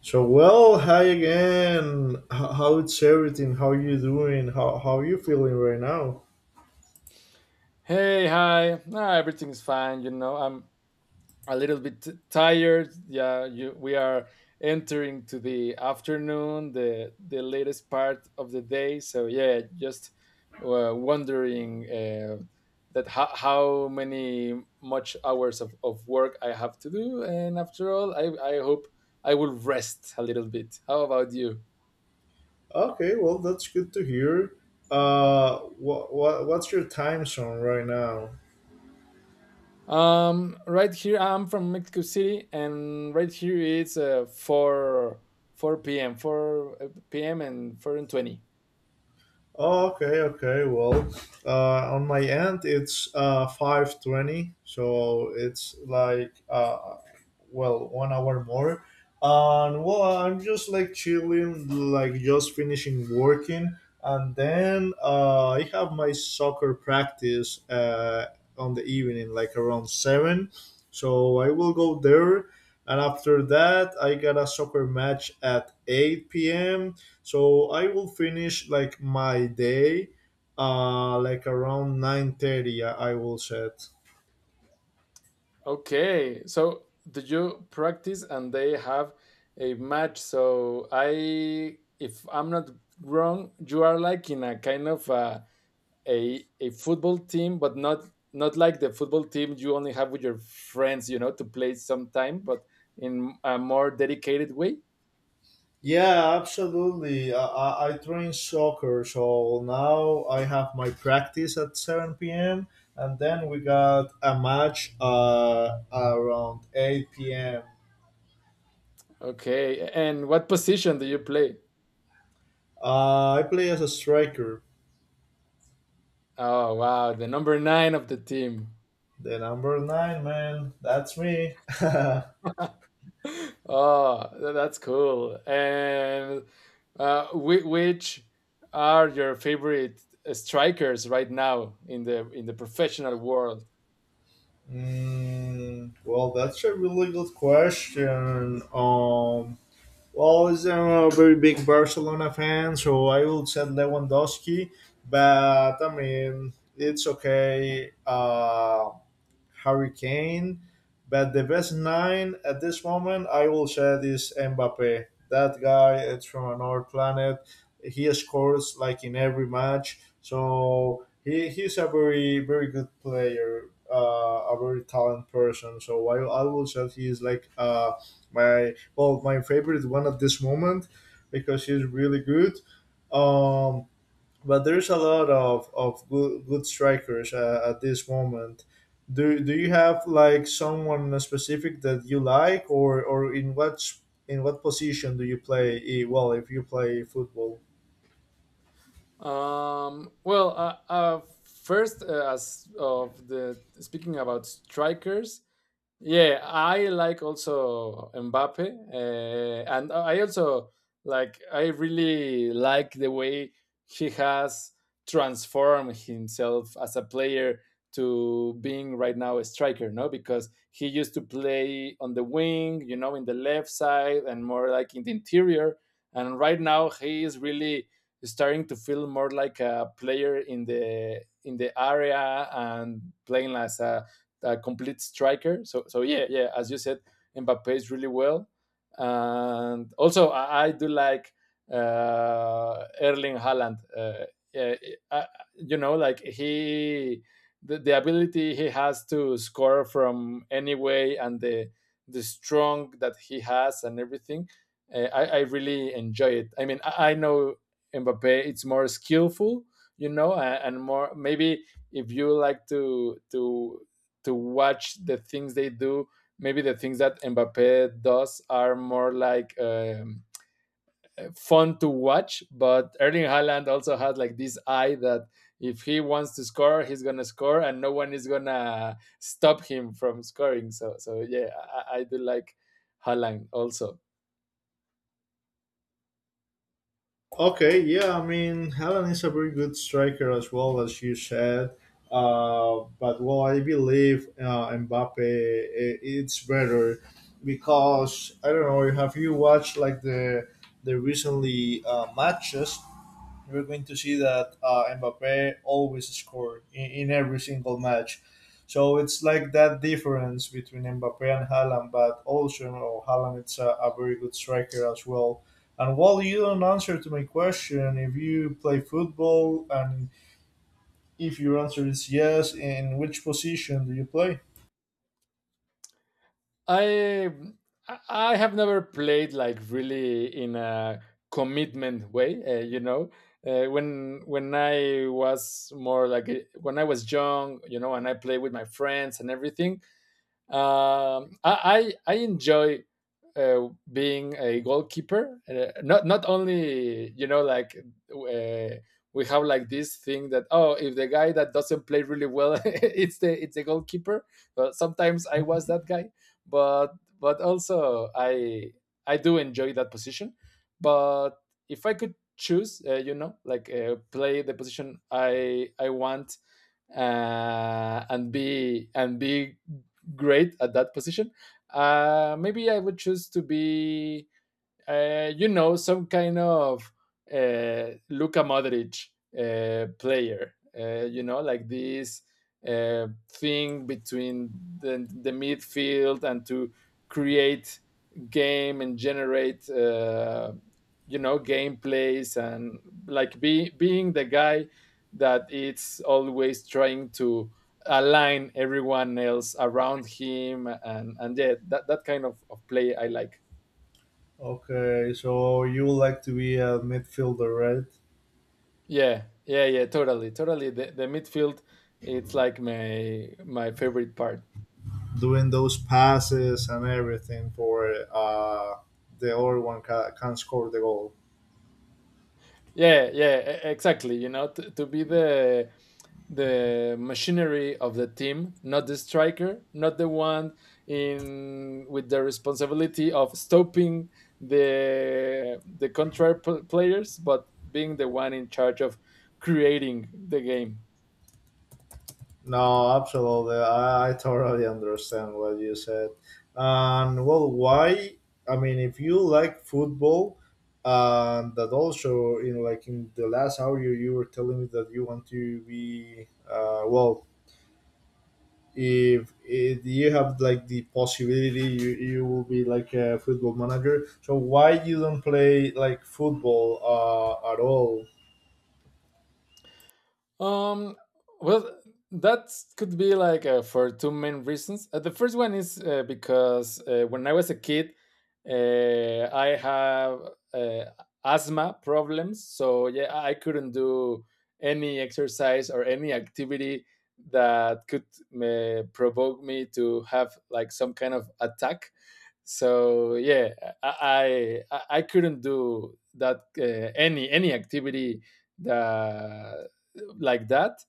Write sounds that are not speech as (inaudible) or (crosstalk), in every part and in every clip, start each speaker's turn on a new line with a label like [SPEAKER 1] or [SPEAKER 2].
[SPEAKER 1] So well, hi again. How's everything? How you doing? How you feeling right now?
[SPEAKER 2] Hey, hi. Nah, everything's fine. You know, I'm a little bit tired. Yeah, we are entering to the afternoon, the latest part of the day. So yeah, just wondering that how many much hours of work I have to do. And after all, I hope I will rest a little bit. How about you?
[SPEAKER 1] Okay, well that's good to hear. What's your time zone right now?
[SPEAKER 2] Right here, I'm from Mexico City, and right here it's 4, 4 p.m., 4 p.m. and 4:20.
[SPEAKER 1] Oh, okay, okay. Well, on my end, it's 5:20, so it's like well, 1 hour more. And well, I'm just like chilling, like just finishing working, and then I have my soccer practice on the evening, like around 7. So I will go there, and after that, I got a soccer match at 8 p.m. So I will finish like my day like around 9:30. I will set.
[SPEAKER 2] Okay, so do you practice and they have a match? So I, if I'm not wrong, you are like in a kind of a football team, but not like the football team you only have with your friends, you know, to play sometime, but in a more dedicated way.
[SPEAKER 1] Yeah absolutely, I train soccer, so now I have my practice at 7 p.m., and then we got a match around 8 p.m.
[SPEAKER 2] Okay, and what position do you play?
[SPEAKER 1] I play as a striker.
[SPEAKER 2] Oh wow, the number nine of the team.
[SPEAKER 1] The number 9 man, that's me (laughs)
[SPEAKER 2] (laughs) Oh, that's cool. And which are your favorite strikers right now in the professional world?
[SPEAKER 1] Mm, well, that's a really good question. Well, as I'm a very big Barcelona fan, so I will said Lewandowski, but I mean, it's okay. Hurricane, but the best nine at this moment I will share is Mbappe. That guy is from another planet. He scores like in every match, so he's a very very good player, a very talented person. So I will say he is like my well my favorite one at this moment because he's really good. Um, but there's a lot of good strikers at this moment. Do you have like someone specific that you like, or in what position do you play? Well, if you play football.
[SPEAKER 2] Well, first, as of the speaking about strikers, yeah, I like also Mbappe, and I also like I really like the way he has transformed himself as a player to being right now a striker, no? Because he used to play on the wing, you know, in the left side and more like in the interior, and right now he is really starting to feel more like a player in the area and playing as a complete striker. So yeah, yeah, as you said, Mbappe is really well, and also I do like Erling Haaland. Yeah, I, you know, like he the ability he has to score from any way and the strong that he has and everything. I really enjoy it. I mean, I know Mbappe, it's more skillful, you know, and more maybe if you like to watch the things they do maybe the things that Mbappe does are more like fun to watch. But Erling Haaland also has like this eye that if he wants to score, he's gonna score, and no one is gonna stop him from scoring. So, so yeah, I do like Haaland also.
[SPEAKER 1] Okay, yeah, I mean, Helen is a very good striker as well as you said. But well, I believe Mbappe it's better because I don't know. Have you watched like the recently matches? We're going to see that Mbappe always scored in every single match. So it's like that difference between Mbappe and Haaland, but also you know, Haaland is a very good striker as well. And while you don't answer to my question, if you play football and if your answer is yes, in which position do you play?
[SPEAKER 2] I I have never played like really in a commitment way. You know, when I was more like when I was young, you know, and I played with my friends and everything. I enjoy being a goalkeeper. Not only you know like uh, we have like this thing that oh if the guy that doesn't play really well (laughs) it's the goalkeeper. But sometimes I was that guy, but also I do enjoy that position. But if I could choose, you know, like play the position I want and be great at that position. Maybe I would choose to be you know, some kind of Luka Modric player. You know, like this thing between the midfield and to create game and generate, you know, gameplays and like being the guy that it's always trying to align everyone else around him, and yeah, that, that kind of play I like.
[SPEAKER 1] Okay, so you would like to be a midfielder, right?
[SPEAKER 2] Yeah, yeah, yeah, totally, totally. The midfield, it's like my favorite part.
[SPEAKER 1] Doing those passes and everything for the other one can score the goal.
[SPEAKER 2] Yeah, yeah, exactly. You know, to be the machinery of the team, not the striker, not the one in with the responsibility of stopping the contrary players, but being the one in charge of creating the game.
[SPEAKER 1] No, absolutely. I totally understand what you said. And well, why? I mean, if you like football, and that also in like in the last hour you were telling me that you want to be well if you have like the possibility you will be like a football manager, so why you don't play like football at all?
[SPEAKER 2] Um, well, that could be like for two main reasons. The first one is because when I was a kid, I have uh, asthma problems, so yeah, I couldn't do any exercise or any activity that could provoke me to have like some kind of attack. So yeah, I couldn't do that any activity that like that.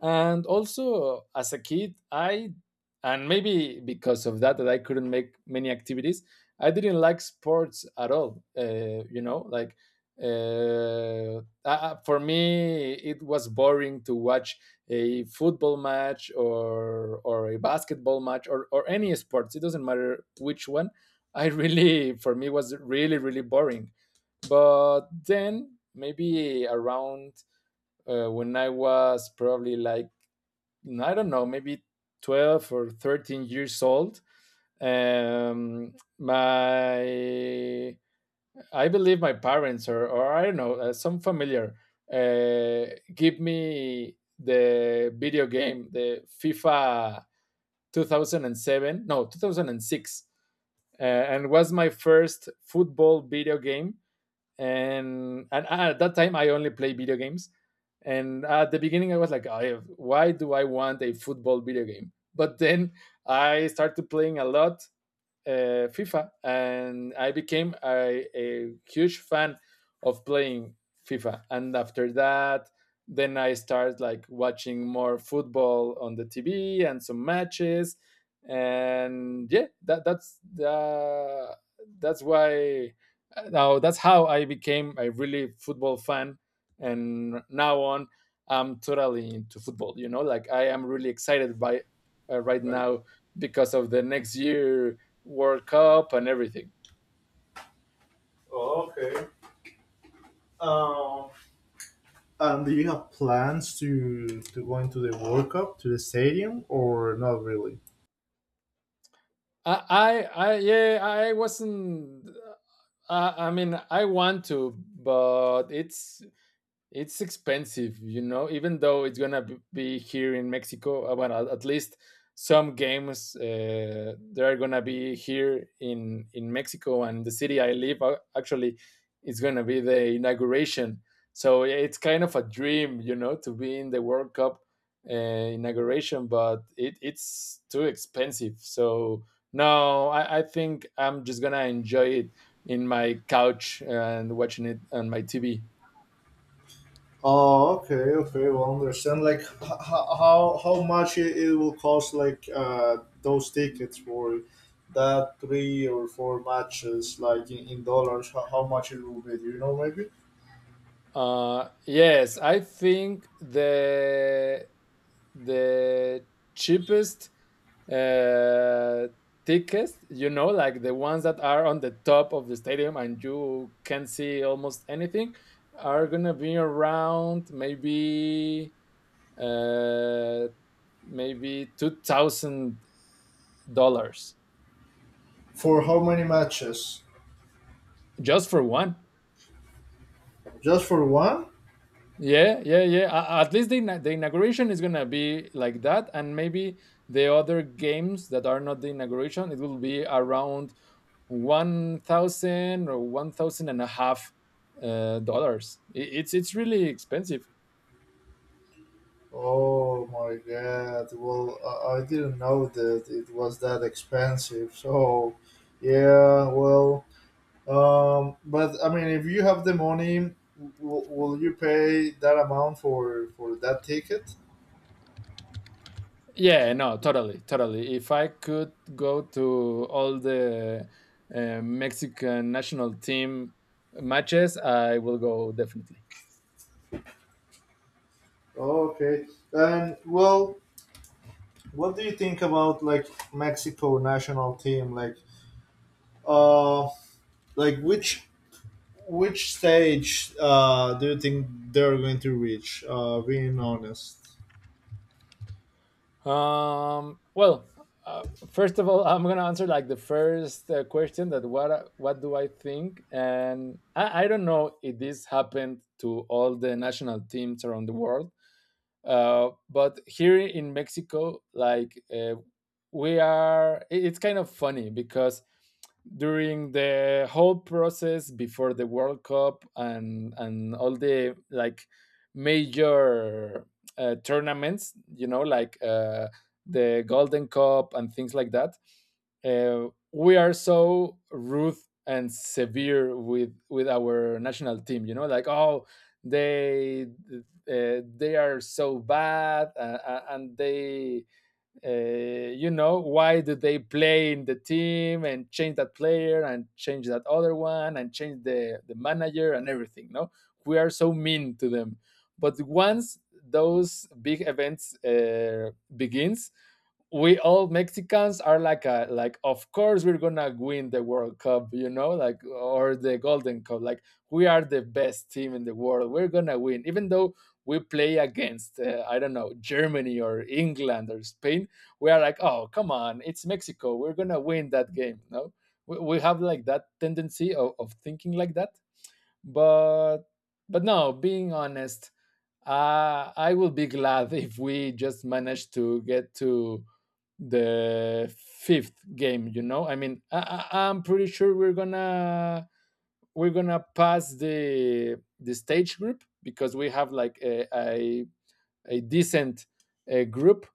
[SPEAKER 2] And also, as a kid, I, and maybe because of that, that I couldn't make many activities, I didn't like sports at all. You know, like for me it was boring to watch a football match or a basketball match or any sports, it doesn't matter which one. I (laughs) really, for me was really really boring. But then maybe around when I was probably like, I don't know, maybe 12 or 13 years old. Um, my, I believe my parents or, I don't know, some familiar give me the video game, the FIFA 2007, no, 2006. And was my first football video game, and at that time I only play video games. And at the beginning, I was like, I, why do I want a football video game? But then I started playing a lot, FIFA, and I became a huge fan of playing FIFA. And after that, then I started like watching more football on the TV and some matches, and yeah, that's why now that's how I became a really football fan, and now on I'm totally into football. You know, like I am really excited by right
[SPEAKER 1] Right.
[SPEAKER 2] now because of the next year World Cup and everything.
[SPEAKER 1] Oh, okay. um, and do you have plans to go into the World Cup, to the stadium, or not really?
[SPEAKER 2] I, I, I Yeah, I wasn't. I mean, I want to, but it's expensive, you know, even though it's gonna be here in Mexico. Well, at least some games they are gonna be here in Mexico and the city I live. Actually, is gonna be the inauguration. So yeah, it's kind of a dream, you know, to be in the World Cup inauguration, but it, it's too expensive. So no, I think I'm just gonna enjoy it in my couch and watching it on my TV.
[SPEAKER 1] Oh, okay, okay. Well, understand. Like, how much it will cost? Like, those tickets for that three or four matches, like in dollars. How much it will be? Do you know maybe
[SPEAKER 2] Yes, I think the cheapest uh, tickets, you know, like the ones that are on the top of the stadium and you can see almost anything, are gonna be around maybe uh, $2,000,
[SPEAKER 1] for how many matches?
[SPEAKER 2] just for one.
[SPEAKER 1] Just for one?
[SPEAKER 2] Yeah, yeah, yeah. At least the inauguration is gonna be like that, and maybe the other games that are not the inauguration, it will be around 1,000 or 1,000 and a half dollars. It's really expensive.
[SPEAKER 1] Oh my god. Well, I didn't know that it was that expensive. So, yeah. Well. But I mean, if you have the money, will you pay that amount for that ticket?
[SPEAKER 2] Yeah, no, totally, totally. If I could go to all the Mexican national team matches, I will go definitely.
[SPEAKER 1] Okay. And well, what do you think about like Mexico national team? Uh, like which stage do you think they're going to reach? Being honest.
[SPEAKER 2] Well, uh, first of all, I'm gonna answer like the first question that what what do I think, and I don't know if this happened to all the national teams around the world, but here in Mexico, like we are, it's kind of funny because during the whole process before the World Cup and all the like major tournaments, you know, like the Golden Cup and things like that, we are so rude and severe with our national team. You know, like oh, they they are so bad, and they uh, you know, why do they play in the team? And change that player, and change that other one, and change the manager, and everything. No, we are so mean to them. But once those big events begins, we all Mexicans are like a like, of course we're gonna win the World Cup, you know, like, or the Golden Cup. Like, we are the best team in the world. We're gonna win, even though we play against I don't know, Germany or England or Spain. We are like, oh come on, it's Mexico. We're gonna win that game. No, we have like that tendency of thinking like that, but no, being honest, I will be glad (laughs) if we just manage to get to the fifth game. You know, I mean, I, I'm pretty sure we're gonna pass the stage group because we have like a decent group.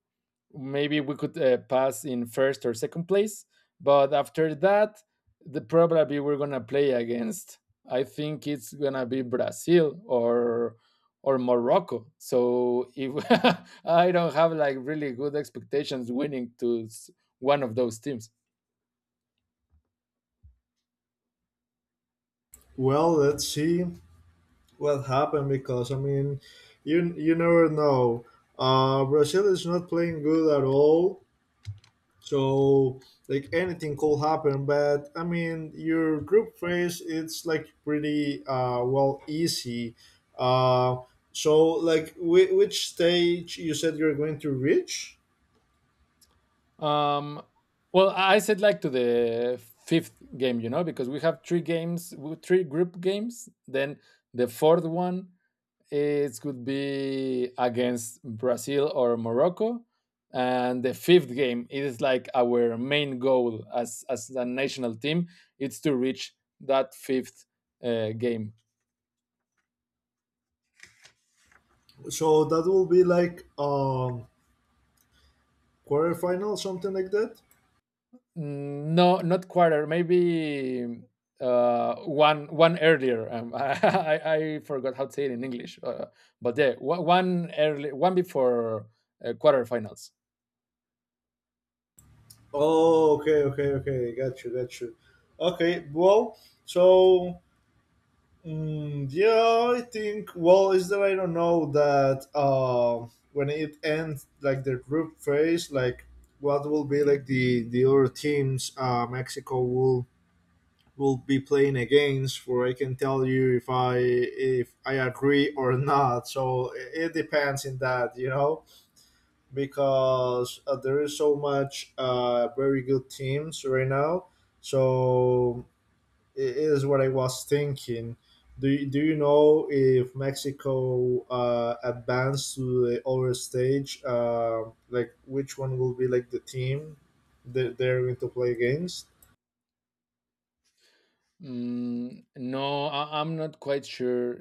[SPEAKER 2] Maybe we could pass in first or second place. But after that, the probably we're gonna play against. I think it's gonna be Brazil or Morocco. So if (laughs) I don't have like really good expectations winning to one of those teams.
[SPEAKER 1] Well, let's see what happened because I mean, you never know. Brazil is not playing good at all. So like anything could happen, but I mean your group phase it's like pretty well easy. Uh so like which stage you said you're going to reach?
[SPEAKER 2] Um, well, I said like to the fifth game, you know, because we have three games, three group games. Then the fourth one, it could be against Brazil or Morocco. And the fifth game, it is like our main goal as a national team, it's to reach that fifth game.
[SPEAKER 1] So that will be like quarterfinal, something like that.
[SPEAKER 2] Mm, no, not quarter, maybe one earlier. (laughs) I forgot how to say it in English, but yeah, one early, one before quarterfinals.
[SPEAKER 1] Oh okay, okay, okay. Got you, got you. Okay, well so mm, yeah, I think. Well, is that I don't know that when it ends, like the group phase, like what will be like the other teams Mexico will be playing against. For I can tell you if I agree or not. So it depends in that, because there is so much very good teams right now. So is what I was thinking. Do you know if Mexico advanced to the other stage? Like which one will be like the team that they're going to play against?
[SPEAKER 2] Mm, no, I'm not quite sure.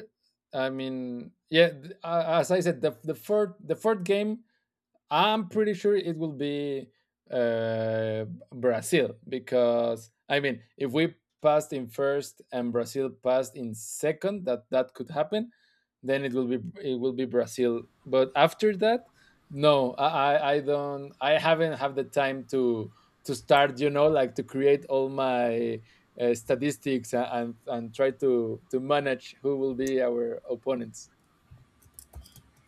[SPEAKER 2] I mean, yeah, as I said, the third game I'm pretty sure it will be uh, Brazil, because I mean, if we passed in first and Brazil passed in second, that could happen. Then it will be Brazil. But after that, no, I don't. I haven't have the time to start. You know, like to create all my statistics and try to manage who will be our opponents.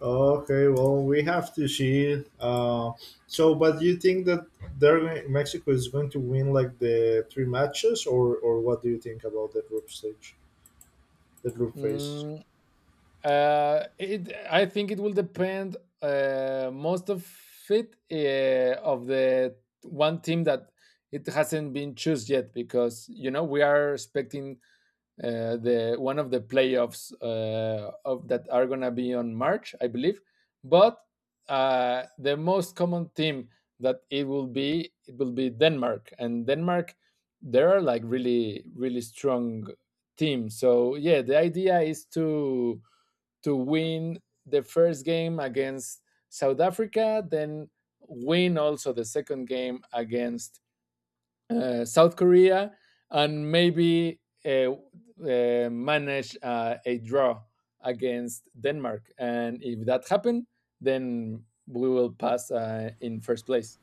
[SPEAKER 1] Okay, well we have to see. So, but you think that Mexico is going to win like the three matches, or what do you think about the group stage, the group phase?
[SPEAKER 2] Mm, I think it will depend, most of it, of the one team that it hasn't been chosen yet, because you know we are expecting the one of the playoffs of that are gonna be on March, I believe. But the most common team that it will be Denmark, and Denmark there are like really really strong team. So yeah, the idea is to win the first game against South Africa, then win also the second game against South Korea, and maybe manage a draw against Denmark. And if that happens, then we will pass in first place.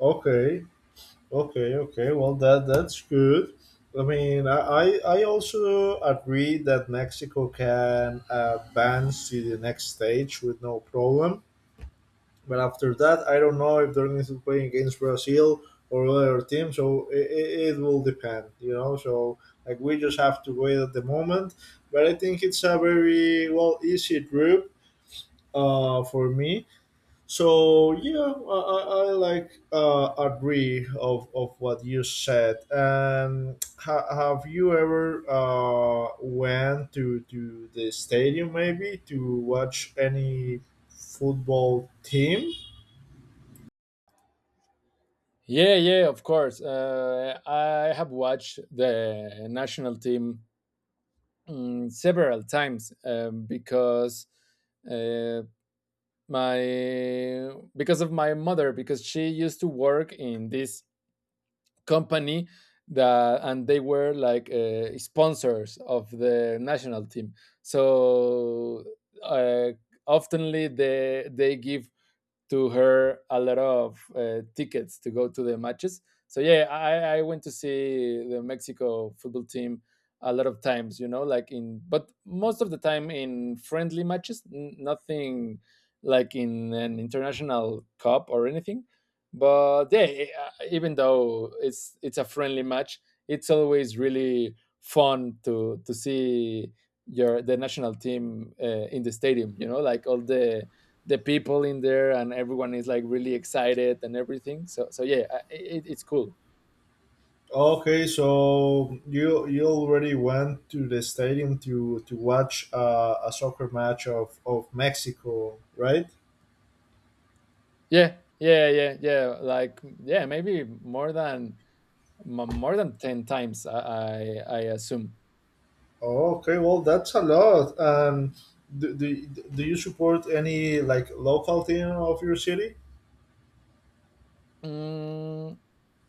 [SPEAKER 1] Okay, okay, okay. Well, that's good. I mean, I also agree that Mexico can advance to the next stage with no problem. But after that, I don't know if they're going to play against Brazil or other teams. So it will depend, you know. So like we just have to wait at the moment. But I think it's a very well easy group for me, so yeah, I like agree of what you said. And have you ever went to the stadium maybe to watch any football team?
[SPEAKER 2] Yeah, yeah, of course. I have watched the national team several times, because uh, my because of my mother, because she used to work in this company that, and they were like sponsors of the national team, so, uh, oftenly they give to her a lot of tickets to go to the matches. So yeah, I went to see the Mexico football team a lot of times, you know, like in but most of the time in friendly matches, nothing like in an international cup or anything. But yeah, even though it's a friendly match, it's always really fun to see your the national team in the stadium. You know, like all the people in there, and everyone is like really excited and everything, so yeah, it's cool.
[SPEAKER 1] Okay, so you already went to the stadium to watch a soccer match of Mexico, right?
[SPEAKER 2] Yeah, yeah, yeah, yeah, like yeah, maybe more than more than 10 times, I assume.
[SPEAKER 1] Oh, okay, well, that's a lot. And do you support any like local team of your city?
[SPEAKER 2] Mm,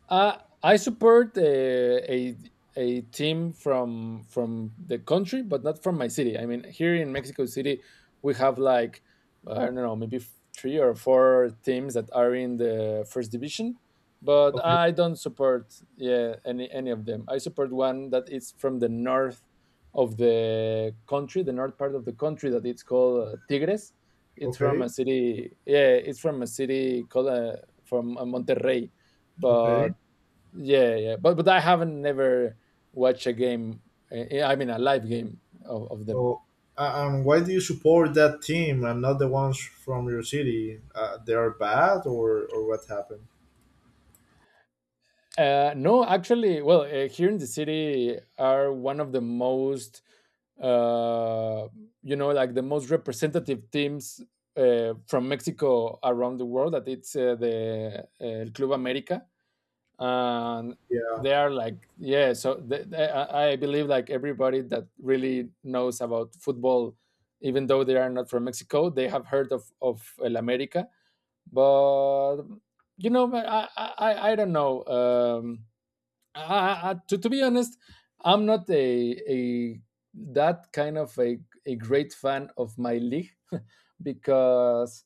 [SPEAKER 2] I support a team from the country, but not from my city. I mean, here in Mexico City, we have like, I don't know, maybe three or four teams that are in the first division. But
[SPEAKER 1] Okay,
[SPEAKER 2] I don't support, yeah, any of them. I support one that is from the north of the country, the north part of the country, that it's called Tigres. It's from
[SPEAKER 1] okay,
[SPEAKER 2] a city, yeah, it's from a city called from Monterrey,
[SPEAKER 1] okay.
[SPEAKER 2] but yeah, yeah. But I haven't never watched a game. I mean, a live game of them.
[SPEAKER 1] So, and why do you support that team and not the ones from your city? They are bad, or what happened?
[SPEAKER 2] No, actually, well, here in the city are one of the most, uh, you know, like the most representative teams from Mexico around the world. That it's the El Club America. And
[SPEAKER 1] Yeah.
[SPEAKER 2] they are like, yeah, so they, I believe like everybody that really knows about football, even though they are not from Mexico, they have heard of El America. But you know, I don't know, to be honest, I'm not a that kind of a great fan of my league (laughs) because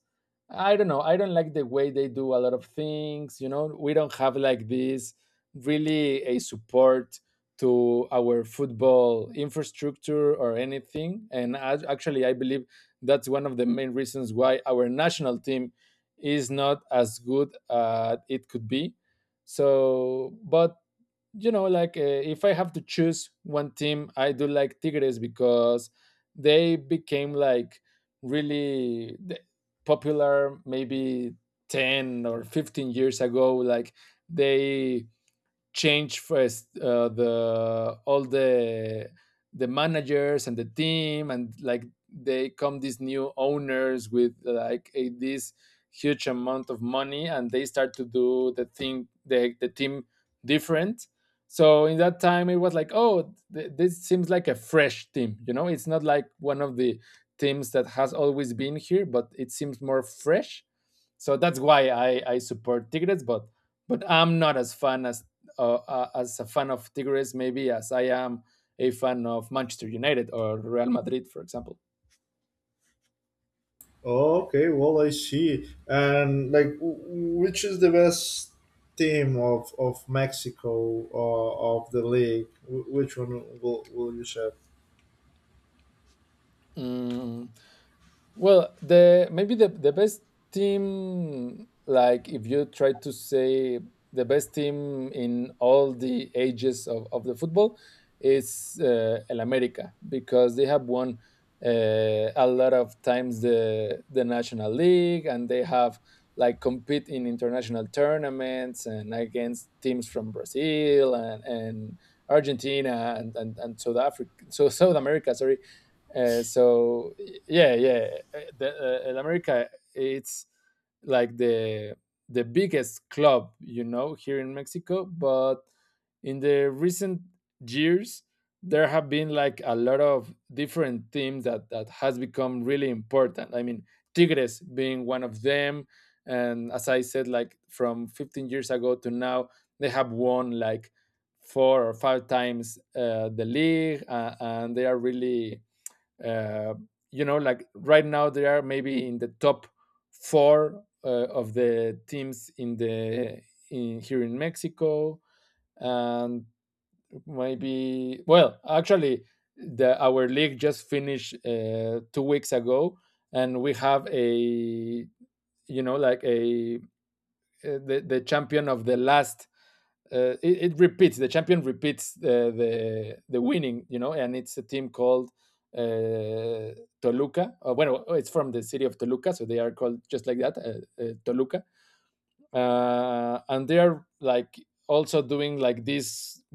[SPEAKER 2] I don't know. I don't like the way they do a lot of things. You know, we don't have like this really a support to our football infrastructure or anything. And I, actually, I believe that's one of the main reasons why our national team is not as good as it could be. So, but you know, like, if I have to choose one team, I do like Tigres, because they became like really popular maybe 10 or 15 years ago. Like they change first, the all the managers and the team, and like they come these new owners with like a, this huge amount of money, and they start to do the thing the team different. So in that time it was like, oh, this seems like a fresh team, you know, it's not like one of the teams that has always been here, but it seems more fresh. So that's why I support Tigres, but I'm not as fan as, as a fan of Tigres, maybe as I am a fan of Manchester United or Real Madrid, for example.
[SPEAKER 1] Okay. Well, I see. And like, which is the best team of Mexico or of the league? Which one will you say?
[SPEAKER 2] Mm, Well, the maybe the best team, like if you try to say the best team in all the ages of the football, is El America, because they have won a lot of times the national league, and they have like compete in international tournaments and against teams from Brazil and Argentina and South Africa, so South America, sorry. So yeah, yeah, in America it's like the biggest club, you know, here in Mexico. But in the recent years there have been like a lot of different teams that has become really important. I mean, Tigres being one of them, and as I said, like from 15 years ago to now they have won like four or five times the league, and they are really, uh, you know, like right now they are maybe in the top four of the teams in here in Mexico. And maybe, well, actually the our league just finished 2 weeks ago, and we have a, you know, like a, the champion of the last, it, it, repeats the champion repeats the winning, you know, and it's a team called uh, Toluca. Well, it's from the city of Toluca, so they are called just like that, Toluca. And they are like also doing like this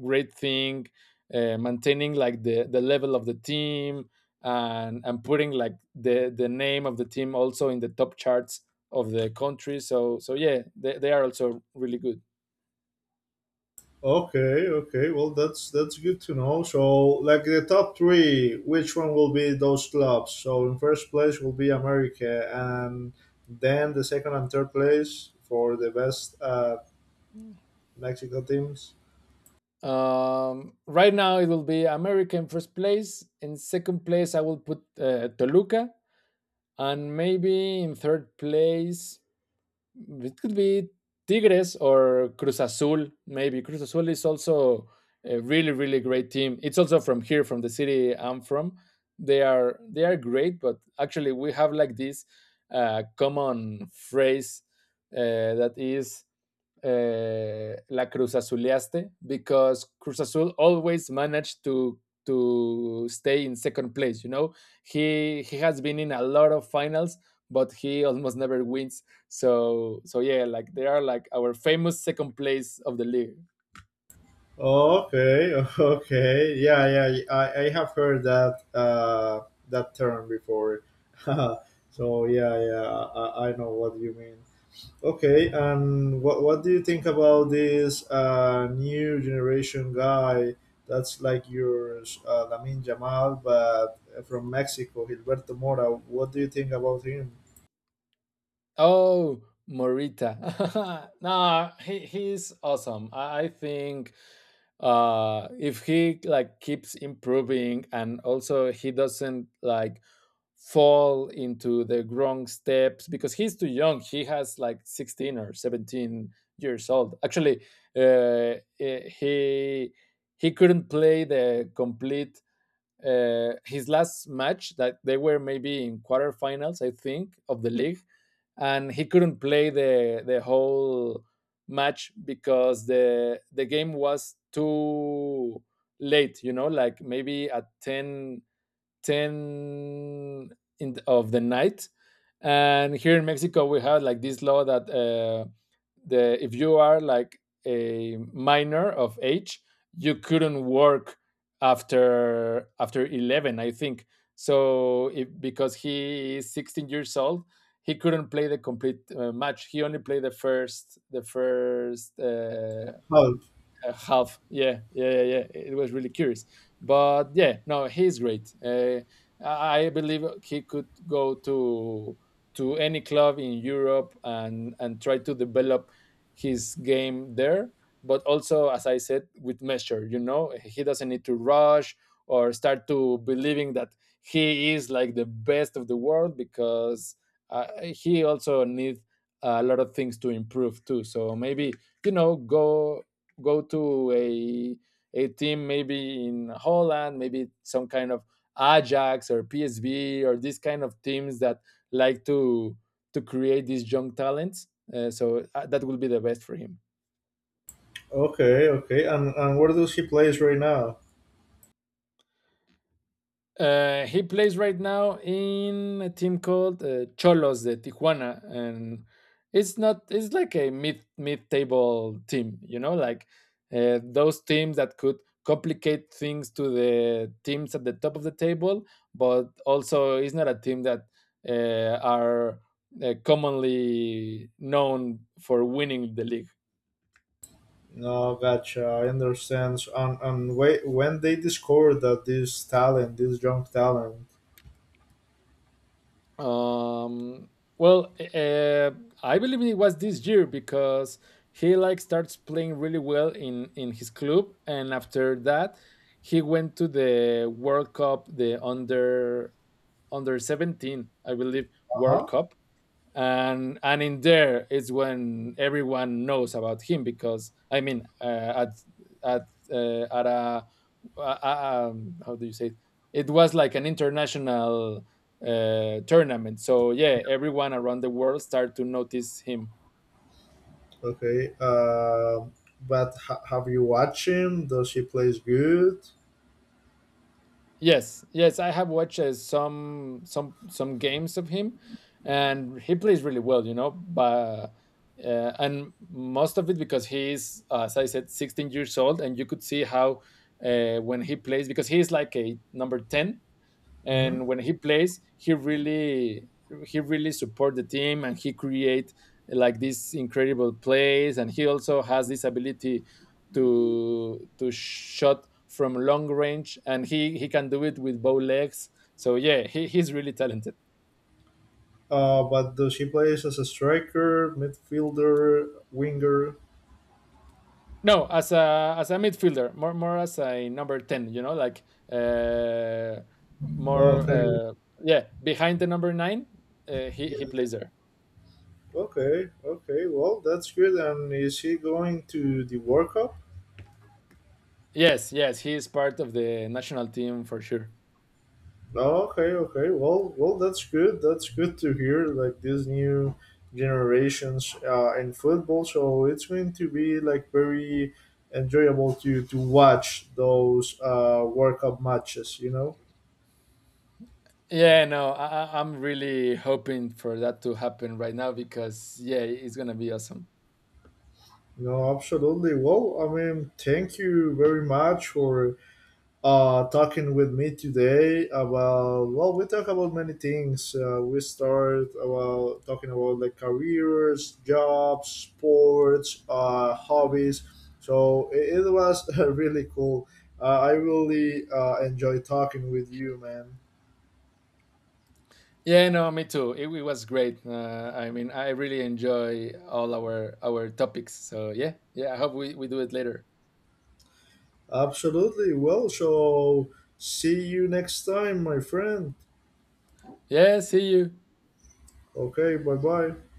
[SPEAKER 2] great thing, maintaining like the level of the team, and putting like the name of the team also in the top charts of the country, so yeah, they are also really good.
[SPEAKER 1] Okay, okay. Well, that's good to know. So, like the top three, which one will be those clubs? So, in first place will be America, and then the second and third place for the best Mexico teams.
[SPEAKER 2] Right now, it will be America in first place. In second place, I will put Toluca, and maybe in third place, it could be Tigres or Cruz Azul. Maybe Cruz Azul is also a really, really great team. It's also from here, from the city I'm from. They are great, but actually, we have like this common phrase that is la Cruz Azuleaste, because Cruz Azul always managed to stay in second place. You know, he has been in a lot of finals, but he almost never wins. So yeah, like they are like our famous second place of the league.
[SPEAKER 1] Okay, (laughs) okay. Yeah, yeah. I have heard that that term before. (laughs) So yeah, yeah. I know what you mean. Okay, and what do you think about this new generation guy that's like your Lamin Jamal, but from Mexico, Gilberto Mora? What do you think about him?
[SPEAKER 2] Oh, Morita, (laughs) no, he's awesome. I think, if he like keeps improving, and also he doesn't like fall into the wrong steps, because he's too young. He has like 16 or 17 years old. Actually, uh, eh, he he couldn't play the complete, his last match, that they were maybe in quarterfinals, I think, of the league, and he couldn't play the whole match because the game was too late. You know, like maybe at 10, 10 in the, of the night, and here in Mexico we have like this law that, the if you are like a minor of age you couldn't work after 11, I think. So if, because he is 16 years old, he couldn't play the complete match. He only played the first
[SPEAKER 1] Oh,
[SPEAKER 2] have. Yeah, yeah, yeah, yeah. It was really curious, but yeah, no, he's great. I believe he could go to any club in Europe and try to develop his game there. But also, as I said, with measure. You know, he doesn't need to rush or start to believing that he is like the best of the world, because, he also needs a lot of things to improve too. So maybe, you know, go to a team maybe in Holland, maybe some kind of Ajax or PSV or these kind of teams that like to create these young talents. That will be the best for him.
[SPEAKER 1] okay, okay. And where does he plays right now?
[SPEAKER 2] He plays right now in a team called Cholos de Tijuana, and it's not it's like a mid table team, you know, like, those teams that could complicate things to the teams at the top of the table, but also it's not a team that are commonly known for winning the league.
[SPEAKER 1] No, gotcha. I understand. And wait, when they discovered that this talent, this young talent,
[SPEAKER 2] Um, well, uh, I believe it was this year, because he like starts playing really well in his club, and after that, he went to the World Cup, the under 17, I believe,
[SPEAKER 1] huh?
[SPEAKER 2] World Cup, and in there is when everyone knows about him, because I mean, at at a how do you say it? It was like an international tournament, so yeah, everyone around the world started to notice him.
[SPEAKER 1] Okay. But have you watched him? Does he plays good?
[SPEAKER 2] Yes, yes, I have watched some games of him, and he plays really well, you know. But, and most of it, because he is, as I said, 16 years old, and you could see how, when he plays, because he is like a number 10, and
[SPEAKER 1] Mhm.
[SPEAKER 2] when he plays he really support the team, and he create like these incredible plays, and he also has this ability to shot from long range, and he can do it with bow legs, so yeah, he's really talented.
[SPEAKER 1] But she plays as a striker, midfielder, winger?
[SPEAKER 2] No, as a midfielder, more as a number 10, you know, like, uh more
[SPEAKER 1] Okay,
[SPEAKER 2] yeah, behind the number 9, he
[SPEAKER 1] yeah.
[SPEAKER 2] plays there.
[SPEAKER 1] Okay, okay. Well, that's good. And is she going to the World Cup?
[SPEAKER 2] Yes, yes, he is part of the national team for sure.
[SPEAKER 1] Oh, okay, okay. Well, well, that's good. That's good to hear. Like these new generations in football, so it's going to be like very enjoyable to watch those World Cup matches. You know.
[SPEAKER 2] Yeah, no, I'm really hoping for that to happen right now, because yeah, it's gonna be awesome.
[SPEAKER 1] No, absolutely. Well, I mean, thank you very much for talking with me today about, well, we talk about many things, we start about talking about like careers, jobs, sports, hobbies, so it was (laughs) really cool. I really enjoy talking with you, man.
[SPEAKER 2] Yeah, no, me too. It was great. I mean, I really enjoy all our topics. So yeah, yeah. I hope we do it later.
[SPEAKER 1] Absolutely, well, so see you next time, my friend.
[SPEAKER 2] Yeah, see you.
[SPEAKER 1] Okay, bye bye.